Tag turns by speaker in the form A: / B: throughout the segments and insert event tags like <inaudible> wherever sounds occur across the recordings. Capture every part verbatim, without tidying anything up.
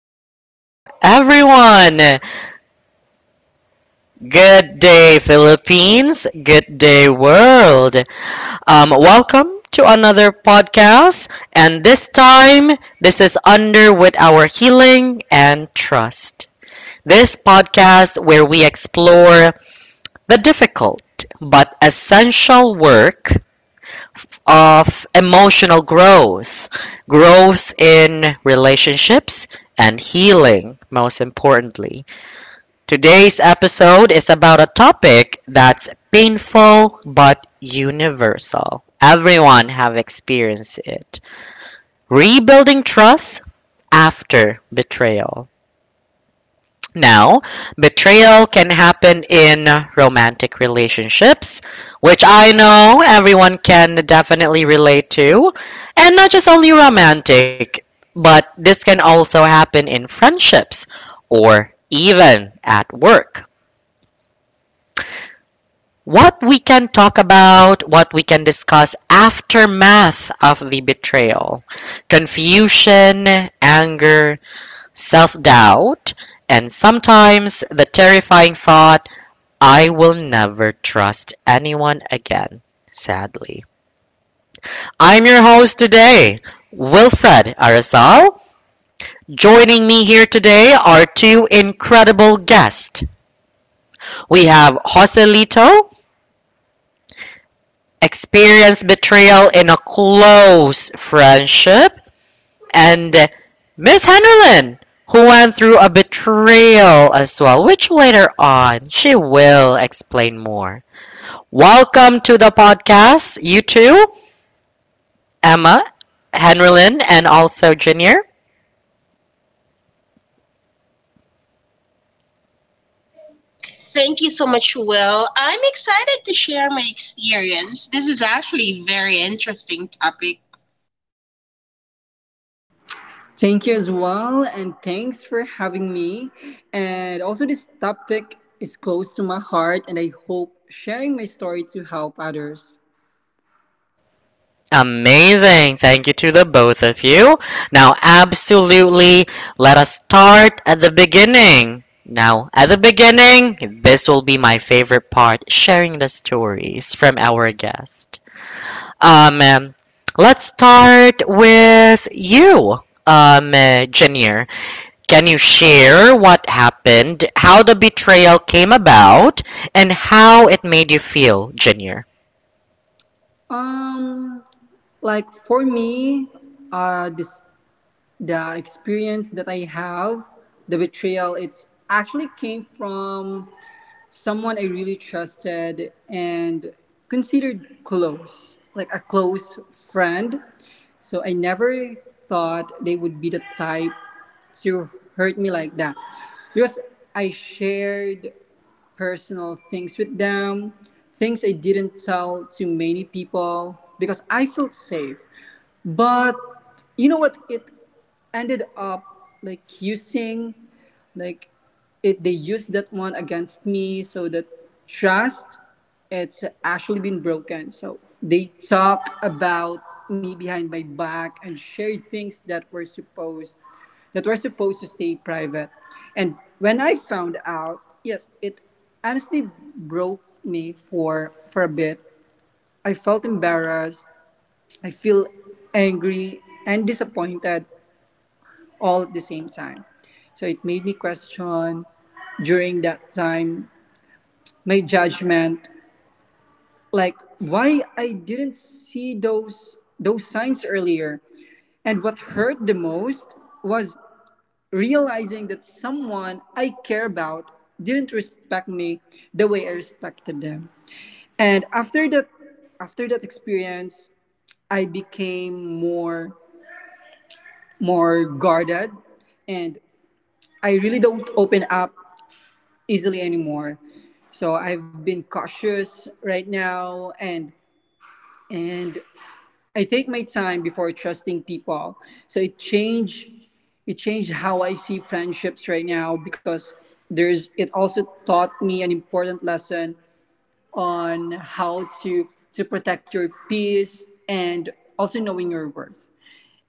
A: Hello, everyone. Good day, Philippines. Good day, world. Um, welcome to another podcast. And this time, this is under with our healing and trust. This podcast where we explore the difficult but essential work of emotional growth, growth in relationships, and healing, most importantly. Today's episode is about a topic that's painful but universal. Everyone have experienced it. Rebuilding trust after betrayal. Now, betrayal can happen in romantic relationships, which I know everyone can definitely relate to, and not just only romantic, but this can also happen in friendships or even at work. What we can talk about, what we can discuss aftermath of the betrayal, confusion, anger, self-doubt, and sometimes the terrifying thought, I will never trust anyone again, sadly. I'm your host today, Wilfred Arazal. Joining me here today are two incredible guests. We have Joselito experienced betrayal in a close friendship, and Miss Henderland, who went through a betrayal as well, which later on she will explain more. Welcome to the podcast, you two, Emma, Henderland, and also Junior.
B: Thank you so much, Will. I'm excited to share my experience. This is actually a very interesting topic.
C: Thank you as well, and thanks for having me. And also, this topic is close to my heart, and I hope sharing my story to help others.
A: Amazing. Thank you to the both of you. Now, absolutely, let us start at the beginning. Now, at the beginning, this will be my favorite part sharing the stories from our guest. Um, um, let's start with you, um, uh, Janier. Can you share what happened, how the betrayal came about, and how it made you feel, Janier?
C: Um, like for me, uh, this the experience that I have, the betrayal. It's actually came from someone I really trusted and considered close, like a close friend. So I never thought they would be the type to hurt me like that because I shared personal things with them, things I didn't tell to many people because I felt safe. But you know what? It ended up like using, like, it they used that one against me. So that trust, it's actually been broken. So they talk about me behind my back and share things that were supposed that were supposed to stay private. And when I found out, yes, it honestly broke me for for a bit. I felt embarrassed, I feel angry and disappointed all at the same time. So it made me question during that time my judgment, like why I didn't see those those signs earlier. And what hurt the most was realizing that someone I care about didn't respect me the way I respected them. And after that after that experience, I became more more guarded and I really don't open up easily anymore. So I've been cautious right now, and and I take my time before trusting people. So it changed it changed how I see friendships right now because there's it also taught me an important lesson on how to to protect your peace and also knowing your worth.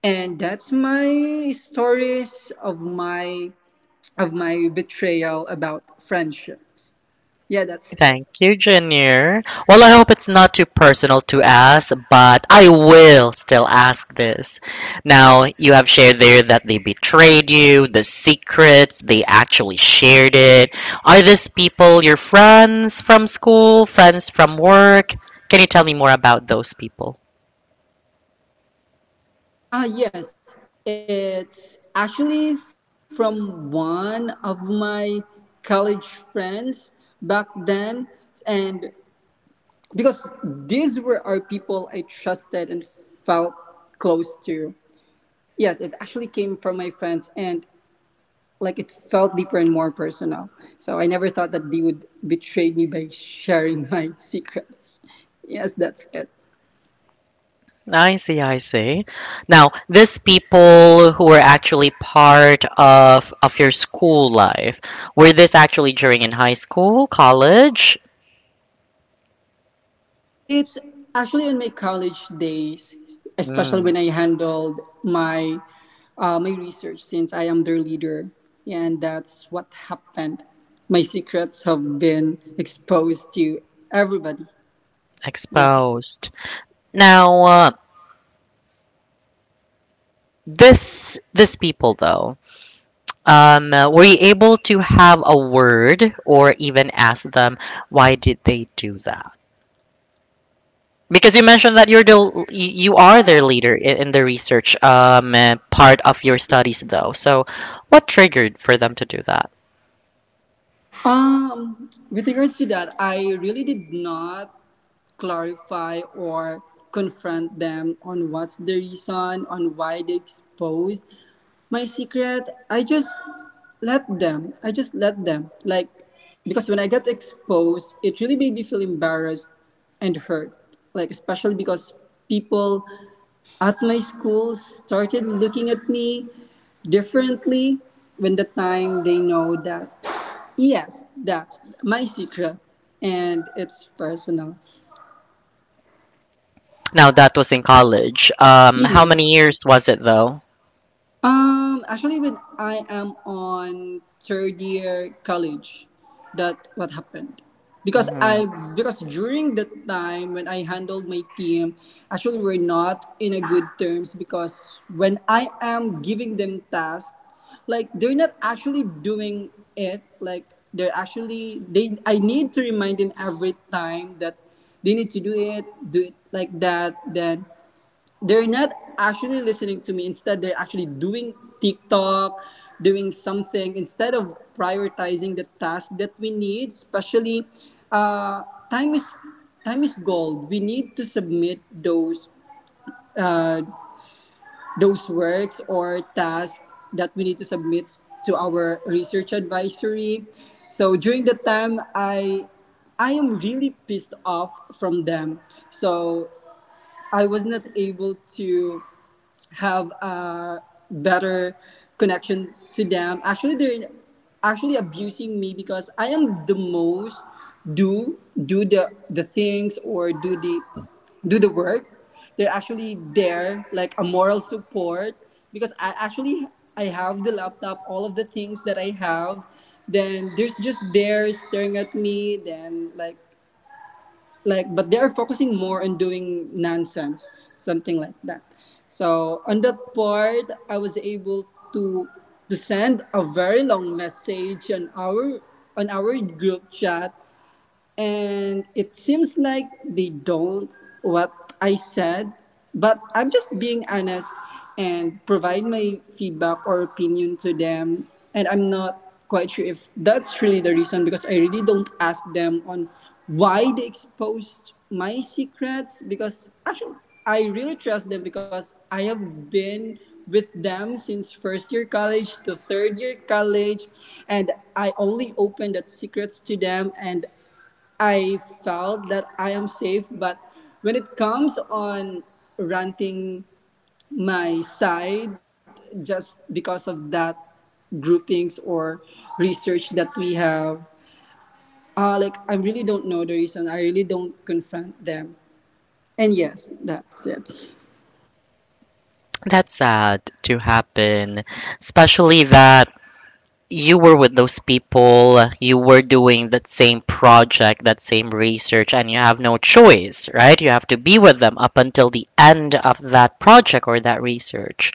C: And that's my stories of my of my betrayal about friendships. Yeah, that's it.
A: Thank you, Junior. Well, I hope it's not too personal to ask, but I will still ask this. Now, you have shared there that they betrayed you, the secrets, they actually shared it. Are these people your friends from school, friends from work? Can you tell me more about those people?
C: Ah, yes, it's actually from one of my college friends back then. And because these were our people I trusted and felt close to. Yes, it actually came from my friends, and like it felt deeper and more personal. So I never thought that they would betray me by sharing <laughs> my secrets. Yes, that's it.
A: I see, I see. Now, these people who were actually part of of your school life, were this actually during in high school, college?
C: It's actually in my college days, especially
A: Mm,
C: when I handled my uh, my research since I am their leader, and that's what happened. My secrets have been exposed to everybody. Yes.
A: exposed. Now, uh, this this people though, um, uh, were you able to have a word or even ask them why did they do that? Because you mentioned that you're the l- y- you are their leader in, in the research um, uh, part of your studies though. So, what triggered for them to do that?
C: Um, with regards to that, I really did not clarify or confront them on what's the reason, on why they exposed my secret. I just let them. I just let them. Like, because when I got exposed, it really made me feel embarrassed and hurt. Like, especially because people at my school started looking at me differently when the time they know that yes, that's my secret and it's personal.
A: Now that was in college. Um, how many
C: Yes.
A: years was it though?
C: Um, actually, when I am on third year college, that what happened. Because I
A: Mm,
C: because during that time when I handled my team, actually we're not in a good terms, because when I am giving them tasks, like they're not actually doing it. Like they're actually they I need to remind them every time that they need to do it, do it like that. Then they're not actually listening to me, instead they're actually doing TikTok, doing something instead of prioritizing the task that we need, especially uh, time is time is gold. We need to submit those uh, those works or tasks that we need to submit to our research advisory. So during the time, i i am really pissed off from them, so I was not able to have a better connection to them. Actually, they're actually abusing me because I am the most do do the the things or do the do the work. They're actually there like a moral support because I actually I have the laptop, all of the things that I have. Then there's just there staring at me. Then like like but they are focusing more on doing nonsense, something like that. So on that part, I was able to to send a very long message on our on our group chat, and it seems like they don't what I said, but I'm just being honest and provide my feedback or opinion to them. And I'm not quite sure if that's really the reason, because I really don't ask them on why they exposed my secrets, because actually I really trust them because I have been with them since first year college to third year college, and I only open that secrets to them and I felt that I am safe, but when it comes on ranting my side just because of that groupings or research that we have, uh, like I really don't know the reason. I really don't confront them. And yes, that's it.
A: that's sad to happen, especially that you were with those people, you were doing that same project, that same research, and you have no choice, right? You have to be with them up until the end of that project or that research.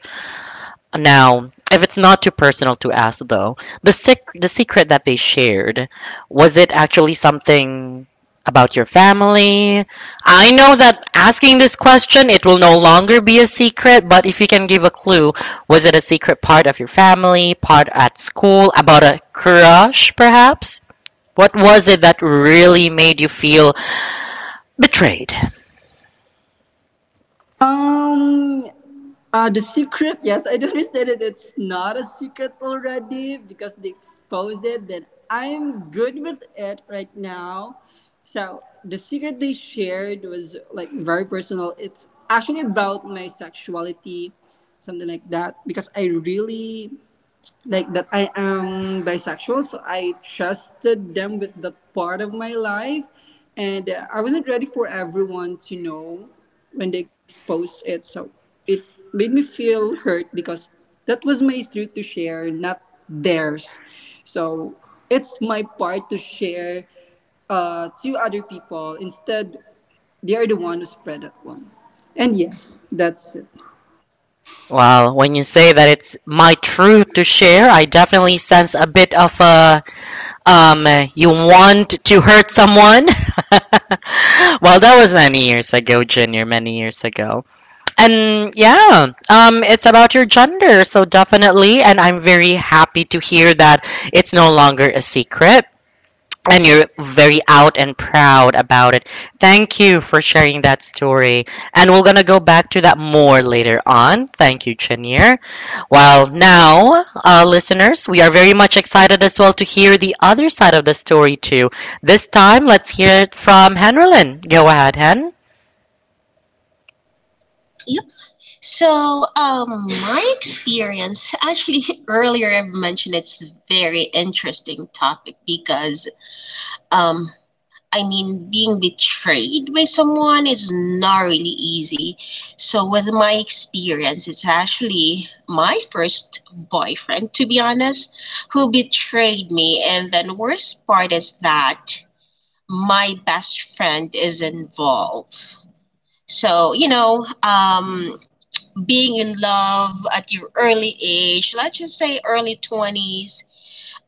A: Now, if it's not too personal to ask, though, the sec- the secret that they shared, was it actually something about your family? I know that asking this question, it will no longer be a secret, but if you can give a clue, was it a secret part of your family, part at school, about a crush, perhaps? What was it that really made you feel betrayed?
C: Um, uh, the secret, yes, I don't <laughs> understand it. It's not a secret already because they exposed it. Then I'm good with it right now. So the secret they shared was like very personal. It's actually about my sexuality, something like that. Because I really like that I am bisexual, so I trusted them with that part of my life, and uh, I wasn't ready for everyone to know when they exposed it. So it made me feel hurt because that was my truth to share, not theirs. So it's my part to share uh, to other people. Instead, they are the one who spread that one. And yes, that's it.
A: Well, when you say that it's my truth to share, I definitely sense a bit of a um, you want to hurt someone. <laughs> Well, that was many years ago, Junior, many years ago. And yeah, um, it's about your gender, so definitely. And I'm very happy to hear that it's no longer a secret and you're very out and proud about it. Thank you for sharing that story. And we're going to go back to that more later on. Thank you, Chenier. Well, now, uh, listeners, we are very much excited as well to hear the other side of the story, too. This time, let's hear it from Henrelin. Go ahead, Hen.
B: Yep. So, um, my experience actually <laughs> earlier I've mentioned it's a very interesting topic because um, I mean being betrayed by someone is not really easy. So, with my experience, it's actually my first boyfriend, to be honest, who betrayed me, and then worst part is that my best friend is involved. So, you know, um, being in love at your early age, let's just say early twenties,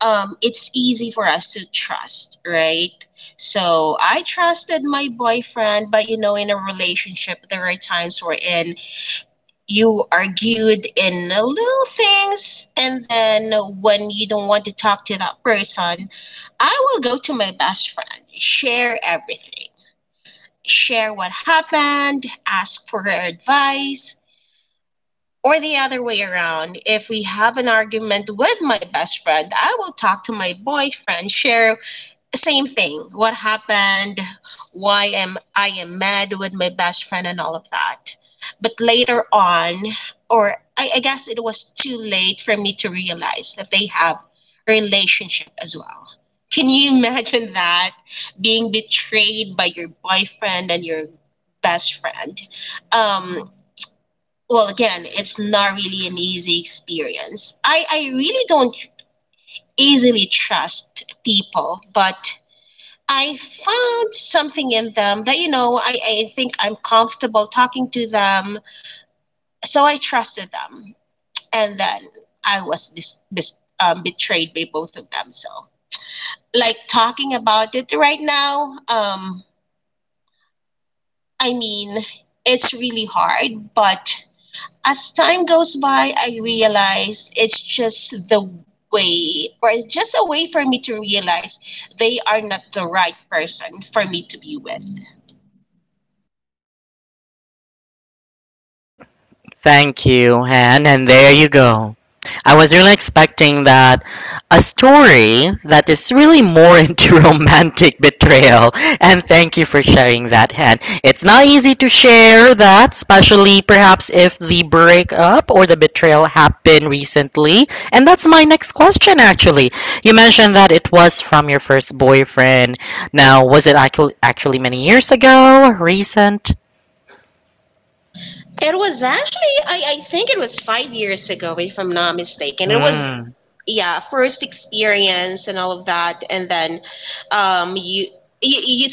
B: um, it's easy for us to trust, right? So I trusted my boyfriend, but you know, in a relationship, there are times wherein you argued in little things, and then when you don't want to talk to that person, I will go to my best friend, share everything. Share what happened, ask for her advice, or the other way around. If we have an argument with my best friend, I will talk to my boyfriend, share same thing what happened, why am I am mad with my best friend and all of that. But later on, or I, I guess it was too late for me to realize that they have a relationship as well. Can you <laughs> imagine that, being betrayed by your boyfriend and your best friend? um well, again, it's not really an easy experience. I i really don't easily trust people, but I found something in them that, you know, I, I think I'm comfortable talking to them. So I trusted them. And then I was bis- bis- um, betrayed by both of them. So, like, talking about it right now, um, I mean, it's really hard, but as time goes by, I realize it's just the way, or it's just a way for me to realize they are not the right person for me to be with.
A: Thank you, Anne, and there you go. I was really expecting that a story that is really more <laughs> into romantic betrayal, and thank you for sharing that, Anne. It's not easy to share that, especially perhaps if the breakup or the betrayal happened recently. And that's my next question, actually. You mentioned that it was from your first boyfriend. Now, was it actu- actually many years ago, recent?
B: It was actually, I, I think it was five years ago, if I'm not mistaken. It was,
A: Hmm,
B: yeah, first experience and all of that. And then um you you, you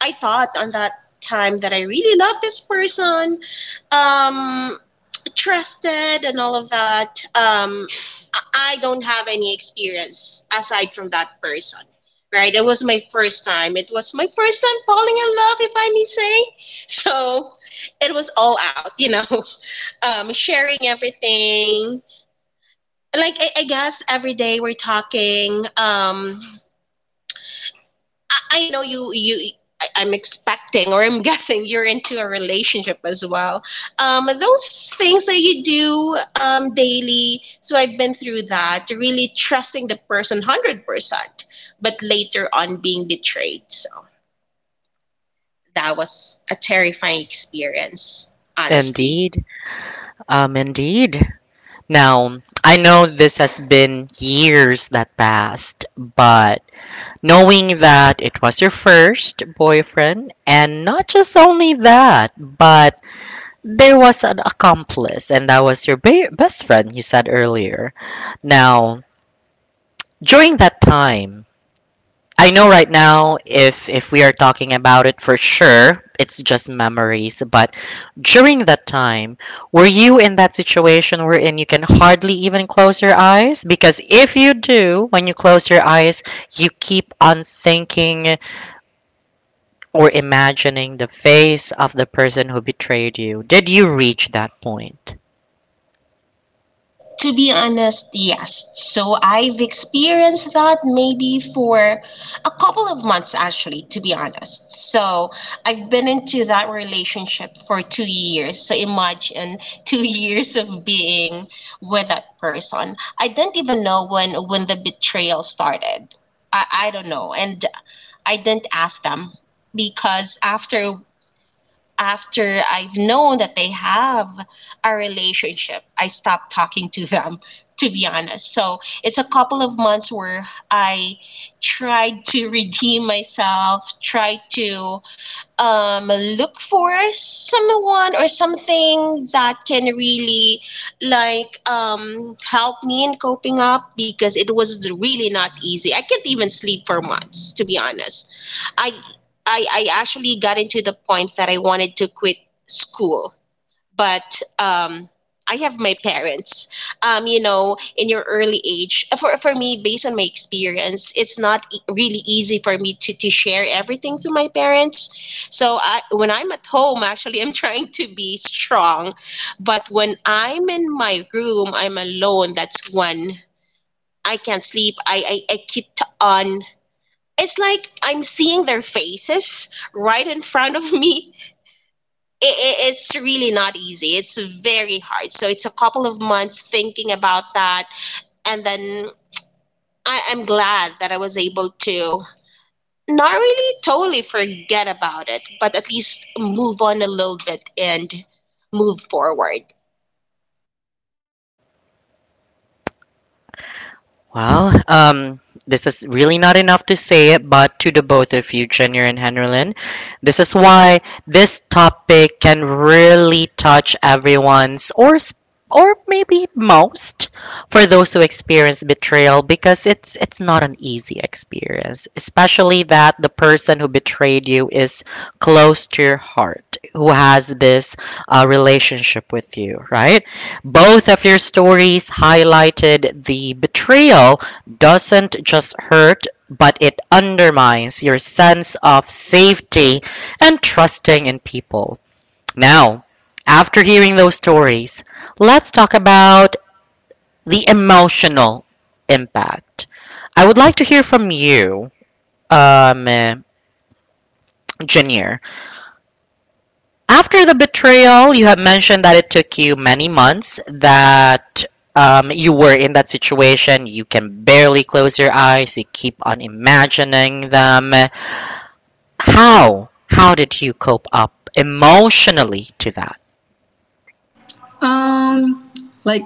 B: i thought on that time that I really love this person. um Trusted and all of that. um i I don't have any experience aside from that person, right? It was my first time, it was my first time falling in love, if I may say. So it was all out, you know. <laughs> Um sharing everything, like I, I guess every day we're talking. Um I, I know you you I, I'm expecting, or I'm <laughs> guessing you're into a relationship as well, um those things that you do um daily. So I've been through that, really trusting the person one hundred percent, but later on being betrayed. So that was a terrifying experience, honestly.
A: indeed. Um, indeed. Now, I know this has been years that passed, but knowing that it was your first boyfriend, and not just only that, but there was an accomplice, and that was your ba- best friend you said earlier. Now, during that time, I know right now, if if we are talking about it for sure, it's just memories. But during that time, were you in that situation wherein you can hardly even close your eyes? Because if you do, when you close your eyes, you keep on thinking or imagining the face of the person who betrayed you. Did you reach that point?
B: To be honest, yes. So I've experienced that maybe for a couple of months, actually, to be honest. So I've been into that relationship for two years. So imagine two <laughs> years of being with that person. I didn't even know when, when the betrayal started. I, I don't know. And I didn't ask them, because after after I've known that they have a relationship, I stopped talking to them, to be honest. So it's a couple of months where I tried to redeem myself, tried to um, look for someone or something that can really like um, help me in coping up, because it was really not easy. I can't even sleep for months, to be honest. I I I actually got into the point that I wanted to quit school, but um I have my parents. Um, you know, in your early age, for for me, based on my experience, it's not e- really easy for me to to share everything to my parents. So I, when I'm at home, actually, I'm <laughs> trying to be strong, but when I'm in my room, I'm alone. That's when I can't sleep. I I, I keep on, it's like I'm seeing their faces right in front of me. I I It's really not easy. It's very hard. So it's a couple of months thinking about that, and then I, I'm glad that I was able to not really totally forget about it, but at least move on a little bit and move forward.
A: Well, um, this is really not enough to say it, but to the both of you, Junior and Henrylin, this is why this topic can really touch everyone's or s- or maybe most for those who experience betrayal because it's it's not an easy experience, especially that the person who betrayed you is close to your heart, who has this uh, relationship with you, right? Both of your stories highlighted the betrayal doesn't just hurt, but it undermines your sense of safety and trusting in people. Now, after hearing those stories, let's talk about the emotional impact. I would like to hear from you, um, Janir. After the betrayal, you have mentioned that it took you many months, that um, you were in that situation. You can barely close your eyes, you keep on imagining them. How? How did you cope up emotionally to that?
C: Um, like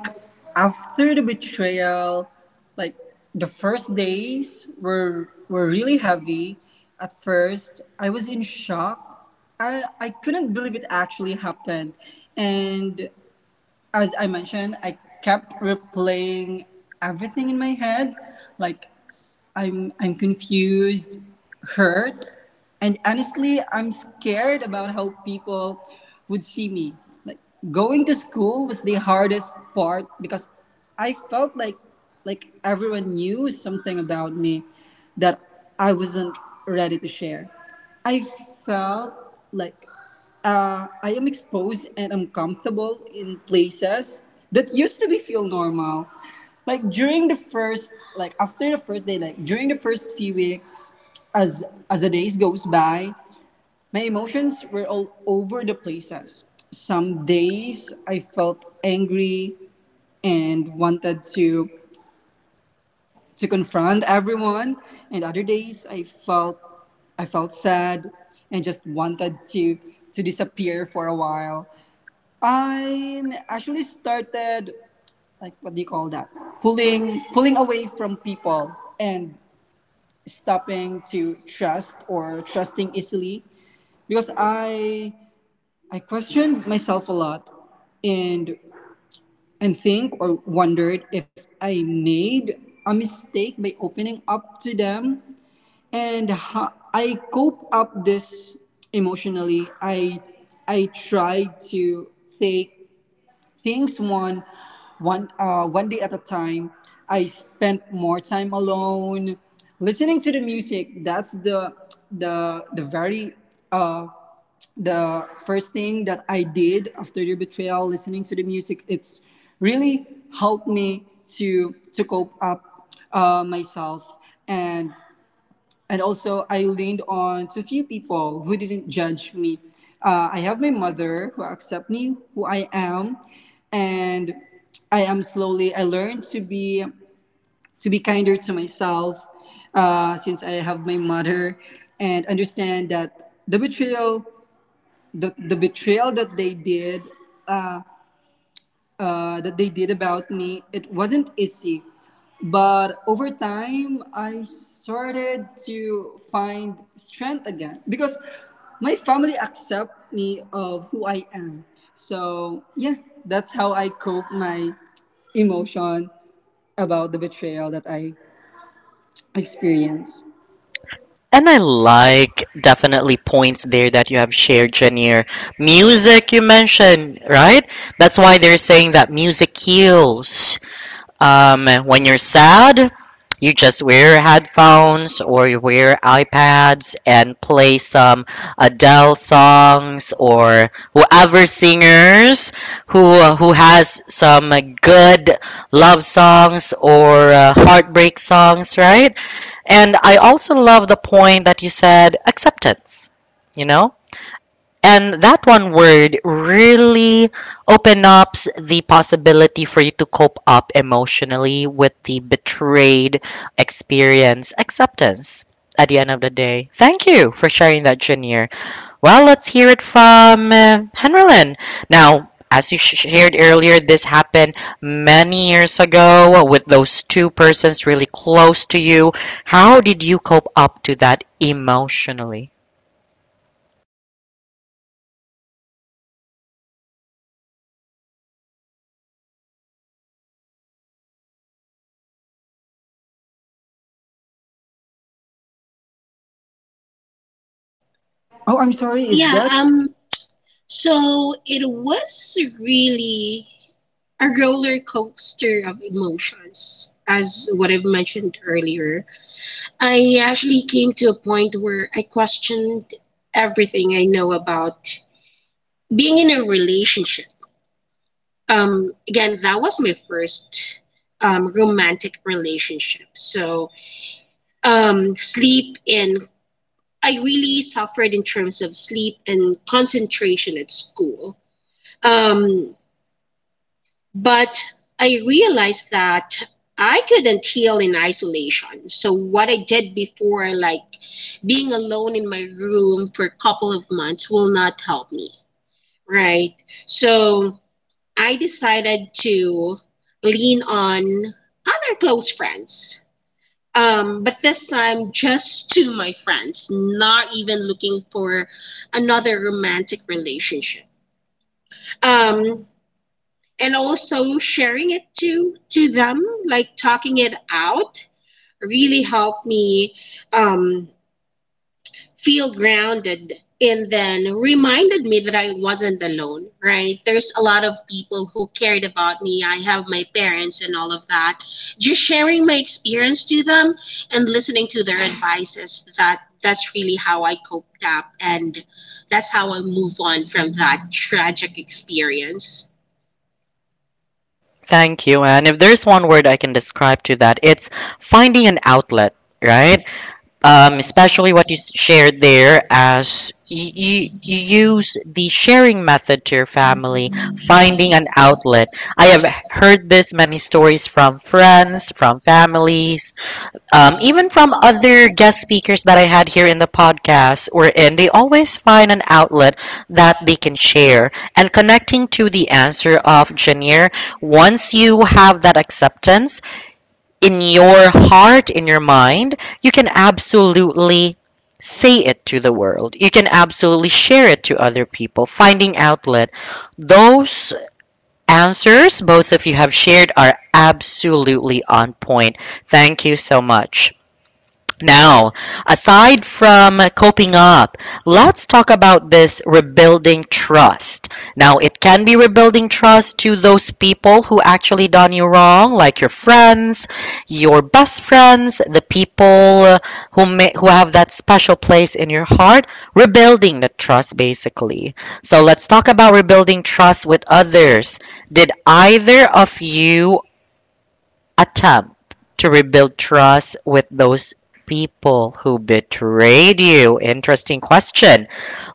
C: after the betrayal, like the first days were were really heavy. At first, I was in shock. I I couldn't believe it actually happened. And as I mentioned, I kept replaying everything in my head, like I'm I'm confused, hurt, and honestly, I'm scared about how people would see me. Like going to school was the hardest part because I felt like like everyone knew something about me that I wasn't ready to share. I felt like uh, I am exposed and uncomfortable in places that used to be feel normal, like during the first, like after the first day, like during the first few weeks. as as the days goes by, my emotions were all over the places. Some days I felt angry and wanted to to confront everyone, and other days i felt i felt sad and just wanted to to disappear for a while. I actually started, like, what do you call that, pulling pulling away from people and stopping to trust or trusting easily, because I I questioned myself a lot, and and think or wondered if I made a mistake by opening up to them. And how I cope up this emotionally, I I tried to take things one, one, uh, one day at a time. I spent more time alone, listening to the music. That's the the the very the first thing that I did after your betrayal. Listening to the music, it's really helped me to to cope up uh, myself, and and also I leaned on to few people who didn't judge me. Uh, I have my mother who accept me who I am, and I am slowly. I learned to be to be kinder to myself, uh, since I have my mother, and understand that the betrayal, the, the betrayal that they did uh, that they did about me, it wasn't easy. But over time, I started to find strength again because my family accept me of who I am. So yeah, that's how I cope my emotion about the betrayal that I experienced.
A: And I like definitely points there that you have shared, Janir. Music, you mentioned, right? That's why they're saying that music heals. Um, when you're sad, you just wear headphones or you wear iPads and play some Adele songs or whoever singers who who has some good love songs or uh, heartbreak songs, right? And I also love the point that you said acceptance. You know, and that one word really open up the possibility for you to cope up emotionally with the betrayed experience acceptance at the end of the day. Thank you for sharing that, Junior. Well, let's hear it from uh, Henrylin. Now, as you shared earlier, this happened many years ago with those two persons really close to you. How did you cope up to that emotionally?
C: Oh, I'm sorry. Is
B: Yeah,
C: that
B: um, so it was really a roller coaster of emotions, as what I've mentioned earlier. I actually came to a point where I questioned everything I know about being in a relationship. Um, again, that was my first um, romantic relationship. So, um, sleep and I really suffered in terms of sleep and concentration at school. Um, But I realized that I couldn't heal in isolation. So what I did before, like being alone in my room for a couple of months, will not help me, right? So I decided to lean on other close friends. Um, but this time, just to my friends, not even looking for another romantic relationship. Um, and also sharing it to to them, like talking it out really helped me um, feel grounded, and then reminded me that I wasn't alone, right? There's a lot of people who cared about me. I have my parents and all of that. Just sharing my experience to them and listening to their advices, that that's really how I coped up, and that's how I move on from that tragic experience.
A: Thank you. And if there's one word I can describe to that, it's finding an outlet, right? Um, especially what you s- shared there as you, you, you use the sharing method to your family, finding an outlet. I have heard this many stories from friends, from families, um, even from other guest speakers that I had here in the podcast or in, they always find an outlet that they can share. And connecting to the answer of Janir, once you have that acceptance in your heart, in your mind, you can absolutely say it to the world. You can absolutely share it to other people. Finding outlet. Those answers both of you have shared are absolutely on point. Thank you so much. Now, aside from coping up, let's talk about this rebuilding trust. Now, it can be rebuilding trust to those people who actually done you wrong, like your friends, your best friends, the people who may, who have that special place in your heart, rebuilding the trust basically. So, let's talk about rebuilding trust with others. Did either of you attempt to rebuild trust with those people who betrayed you? Interesting question.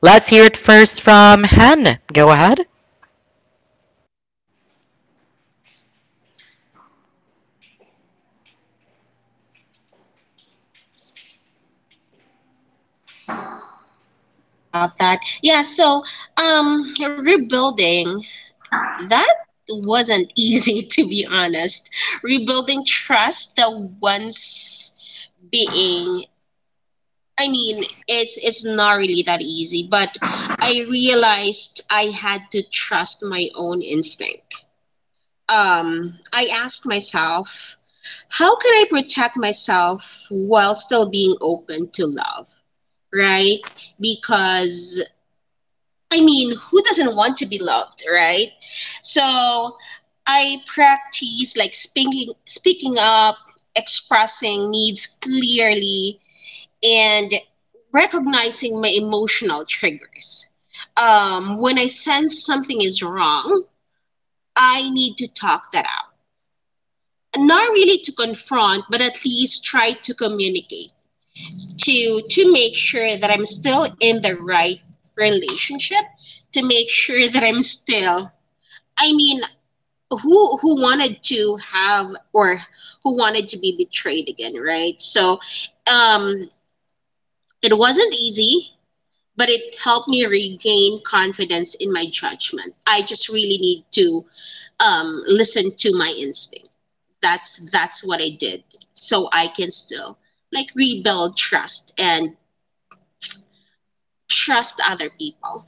A: Let's hear it first from Hen. Go ahead.
B: Sorry about that. Yeah, so um rebuilding that wasn't easy <laughs> to be honest. Rebuilding trust that once being I mean, it's it's not really that easy, but I realized I had to trust my own instinct. Um I asked myself, how can I protect myself while still being open to love, right? Because I mean, who doesn't want to be loved, right? So I practice like speaking speaking up, expressing needs clearly, and recognizing my emotional triggers. Um, when I sense something is wrong, I need to talk that out. Not really to confront, but at least try to communicate to to make sure that I'm still in the right relationship, to make sure that I'm still, I mean, who who wanted to have or who wanted to be betrayed again, right? So, um, it wasn't easy, but it helped me regain confidence in my judgment. I just really need to um, listen to my instinct. That's that's what I did, so I can still like rebuild trust and trust other people.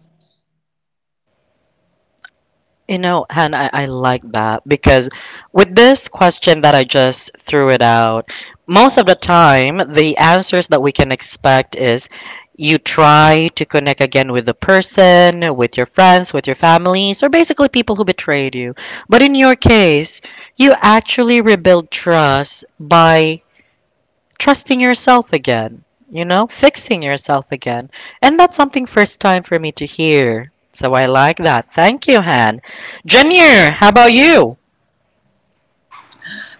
A: You know, Hannah, I, I like that because with this question that I just threw it out, most of the time the answers that we can expect is you try to connect again with the person, with your friends, with your families, or basically people who betrayed you. But in your case, you actually rebuild trust by trusting yourself again, you know, fixing yourself again. And that's something first time for me to hear. So I like that. Thank you, Han. Janier, how about you?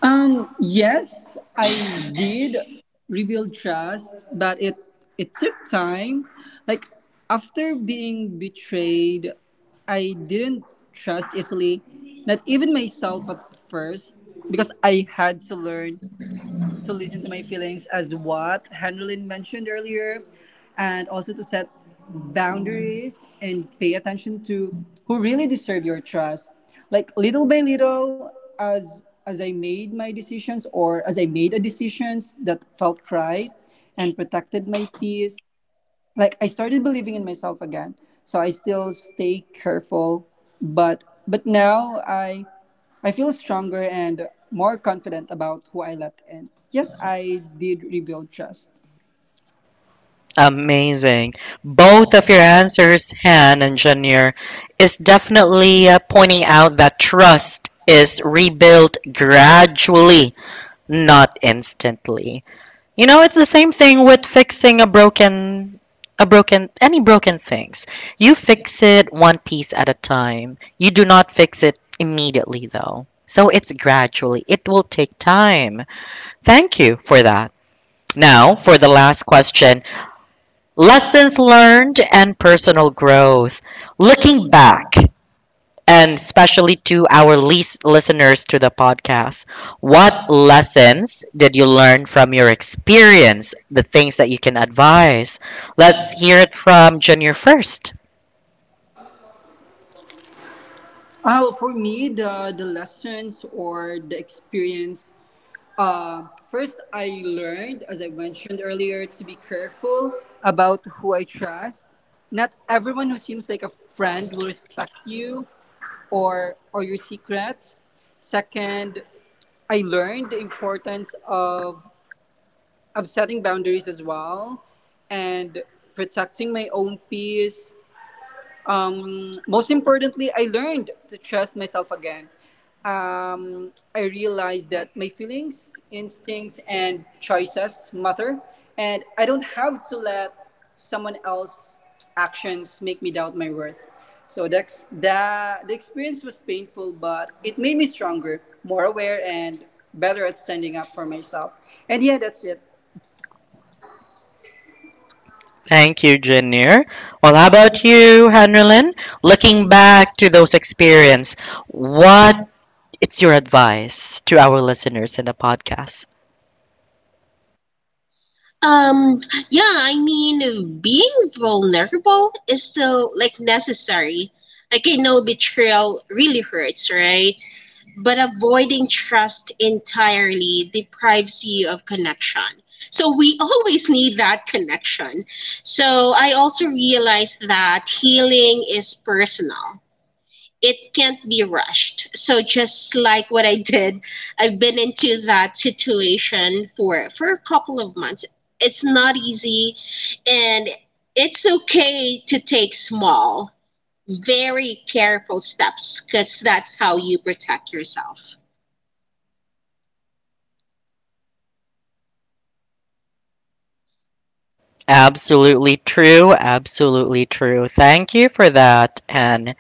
C: Um, yes, I did rebuild trust, but it it took time. Like after being betrayed, I didn't trust easily, not even myself at first, because I had to learn to listen to my feelings as what Henrylin mentioned earlier, and also to set boundaries and pay attention to who really deserve your trust. Like little by little, as as I made my decisions or as I made a decisions that felt right and protected my peace, like I started believing in myself again. So I still stay careful, but but now I I feel stronger and more confident about who I let in. Yes, I did rebuild trust.
A: Amazing. Both of your answers, Han and Janier, is definitely uh, pointing out that trust is rebuilt gradually, not instantly. You know, it's the same thing with fixing a broken a broken any broken things. You fix it one piece at a time. You do not fix it immediately though. So it's gradually. It will take time. Thank you for that. Now, for the last question, lessons learned and personal growth. Looking back, and especially to our least listeners to the podcast. What lessons did you learn from your experience? The things that you can advise. Let's hear it from Junior first.
C: Oh, for me, the the lessons or the experience. Uh, first, I learned, as I mentioned earlier, to be careful about who I trust. Not everyone who seems like a friend will respect you, or or your secrets. Second, I learned the importance of of setting boundaries as well and protecting my own peace. Um, most importantly, I learned to trust myself again. Um, I realized that my feelings, instincts, and choices matter, and I don't have to let someone else's actions make me doubt my worth. So that's that. The experience was painful, but it made me stronger, more aware, and better at standing up for myself. And yeah, that's it.
A: Thank you, Junior. Well, how about you, Henrylin? Looking back to those experience, what it's your advice to our listeners in the podcast?
B: Um, yeah, I mean, being vulnerable is still like necessary. Like, I know betrayal really hurts, right? But avoiding trust entirely deprives you of connection. So, we <laughs> always need that connection. So, I also realized that healing is personal, it can't be rushed. So just like what I did, I've been into that situation for for a couple of months. It's not easy, and it's okay to take small, very careful steps, cuz that's how you protect yourself.
A: Absolutely true. Absolutely true. Thank you for that, Hen.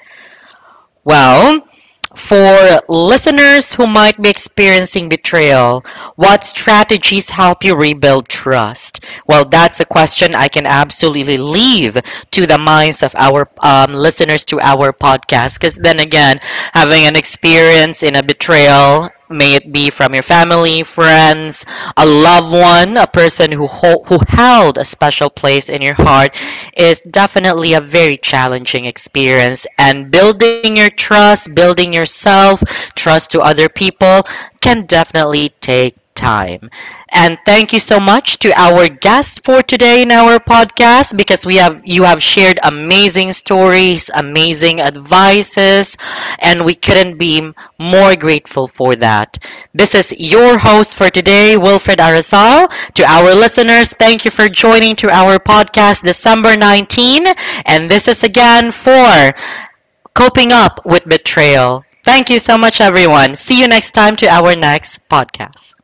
A: Well, for listeners who might be experiencing betrayal, what strategies help you rebuild trust? Well, that's a question I can absolutely leave to the minds of our um, listeners to our podcast. Because then again, having an experience in a betrayal, may it be from your family, friends, a loved one, a person who, ho- who held a special place in your heart, is definitely a very challenging experience. And building your trust, building yourself, trust to other people can definitely take time. And thank you so much to our guest for today in our podcast because we have you have shared amazing stories, amazing advices, and we couldn't be more grateful for that. This is your host for today, Wilfred Arasal. To our listeners, thank you for joining to our podcast December nineteenth. And this is again for Coping Up with Betrayal. Thank you so much, everyone. See you next time to our next podcast.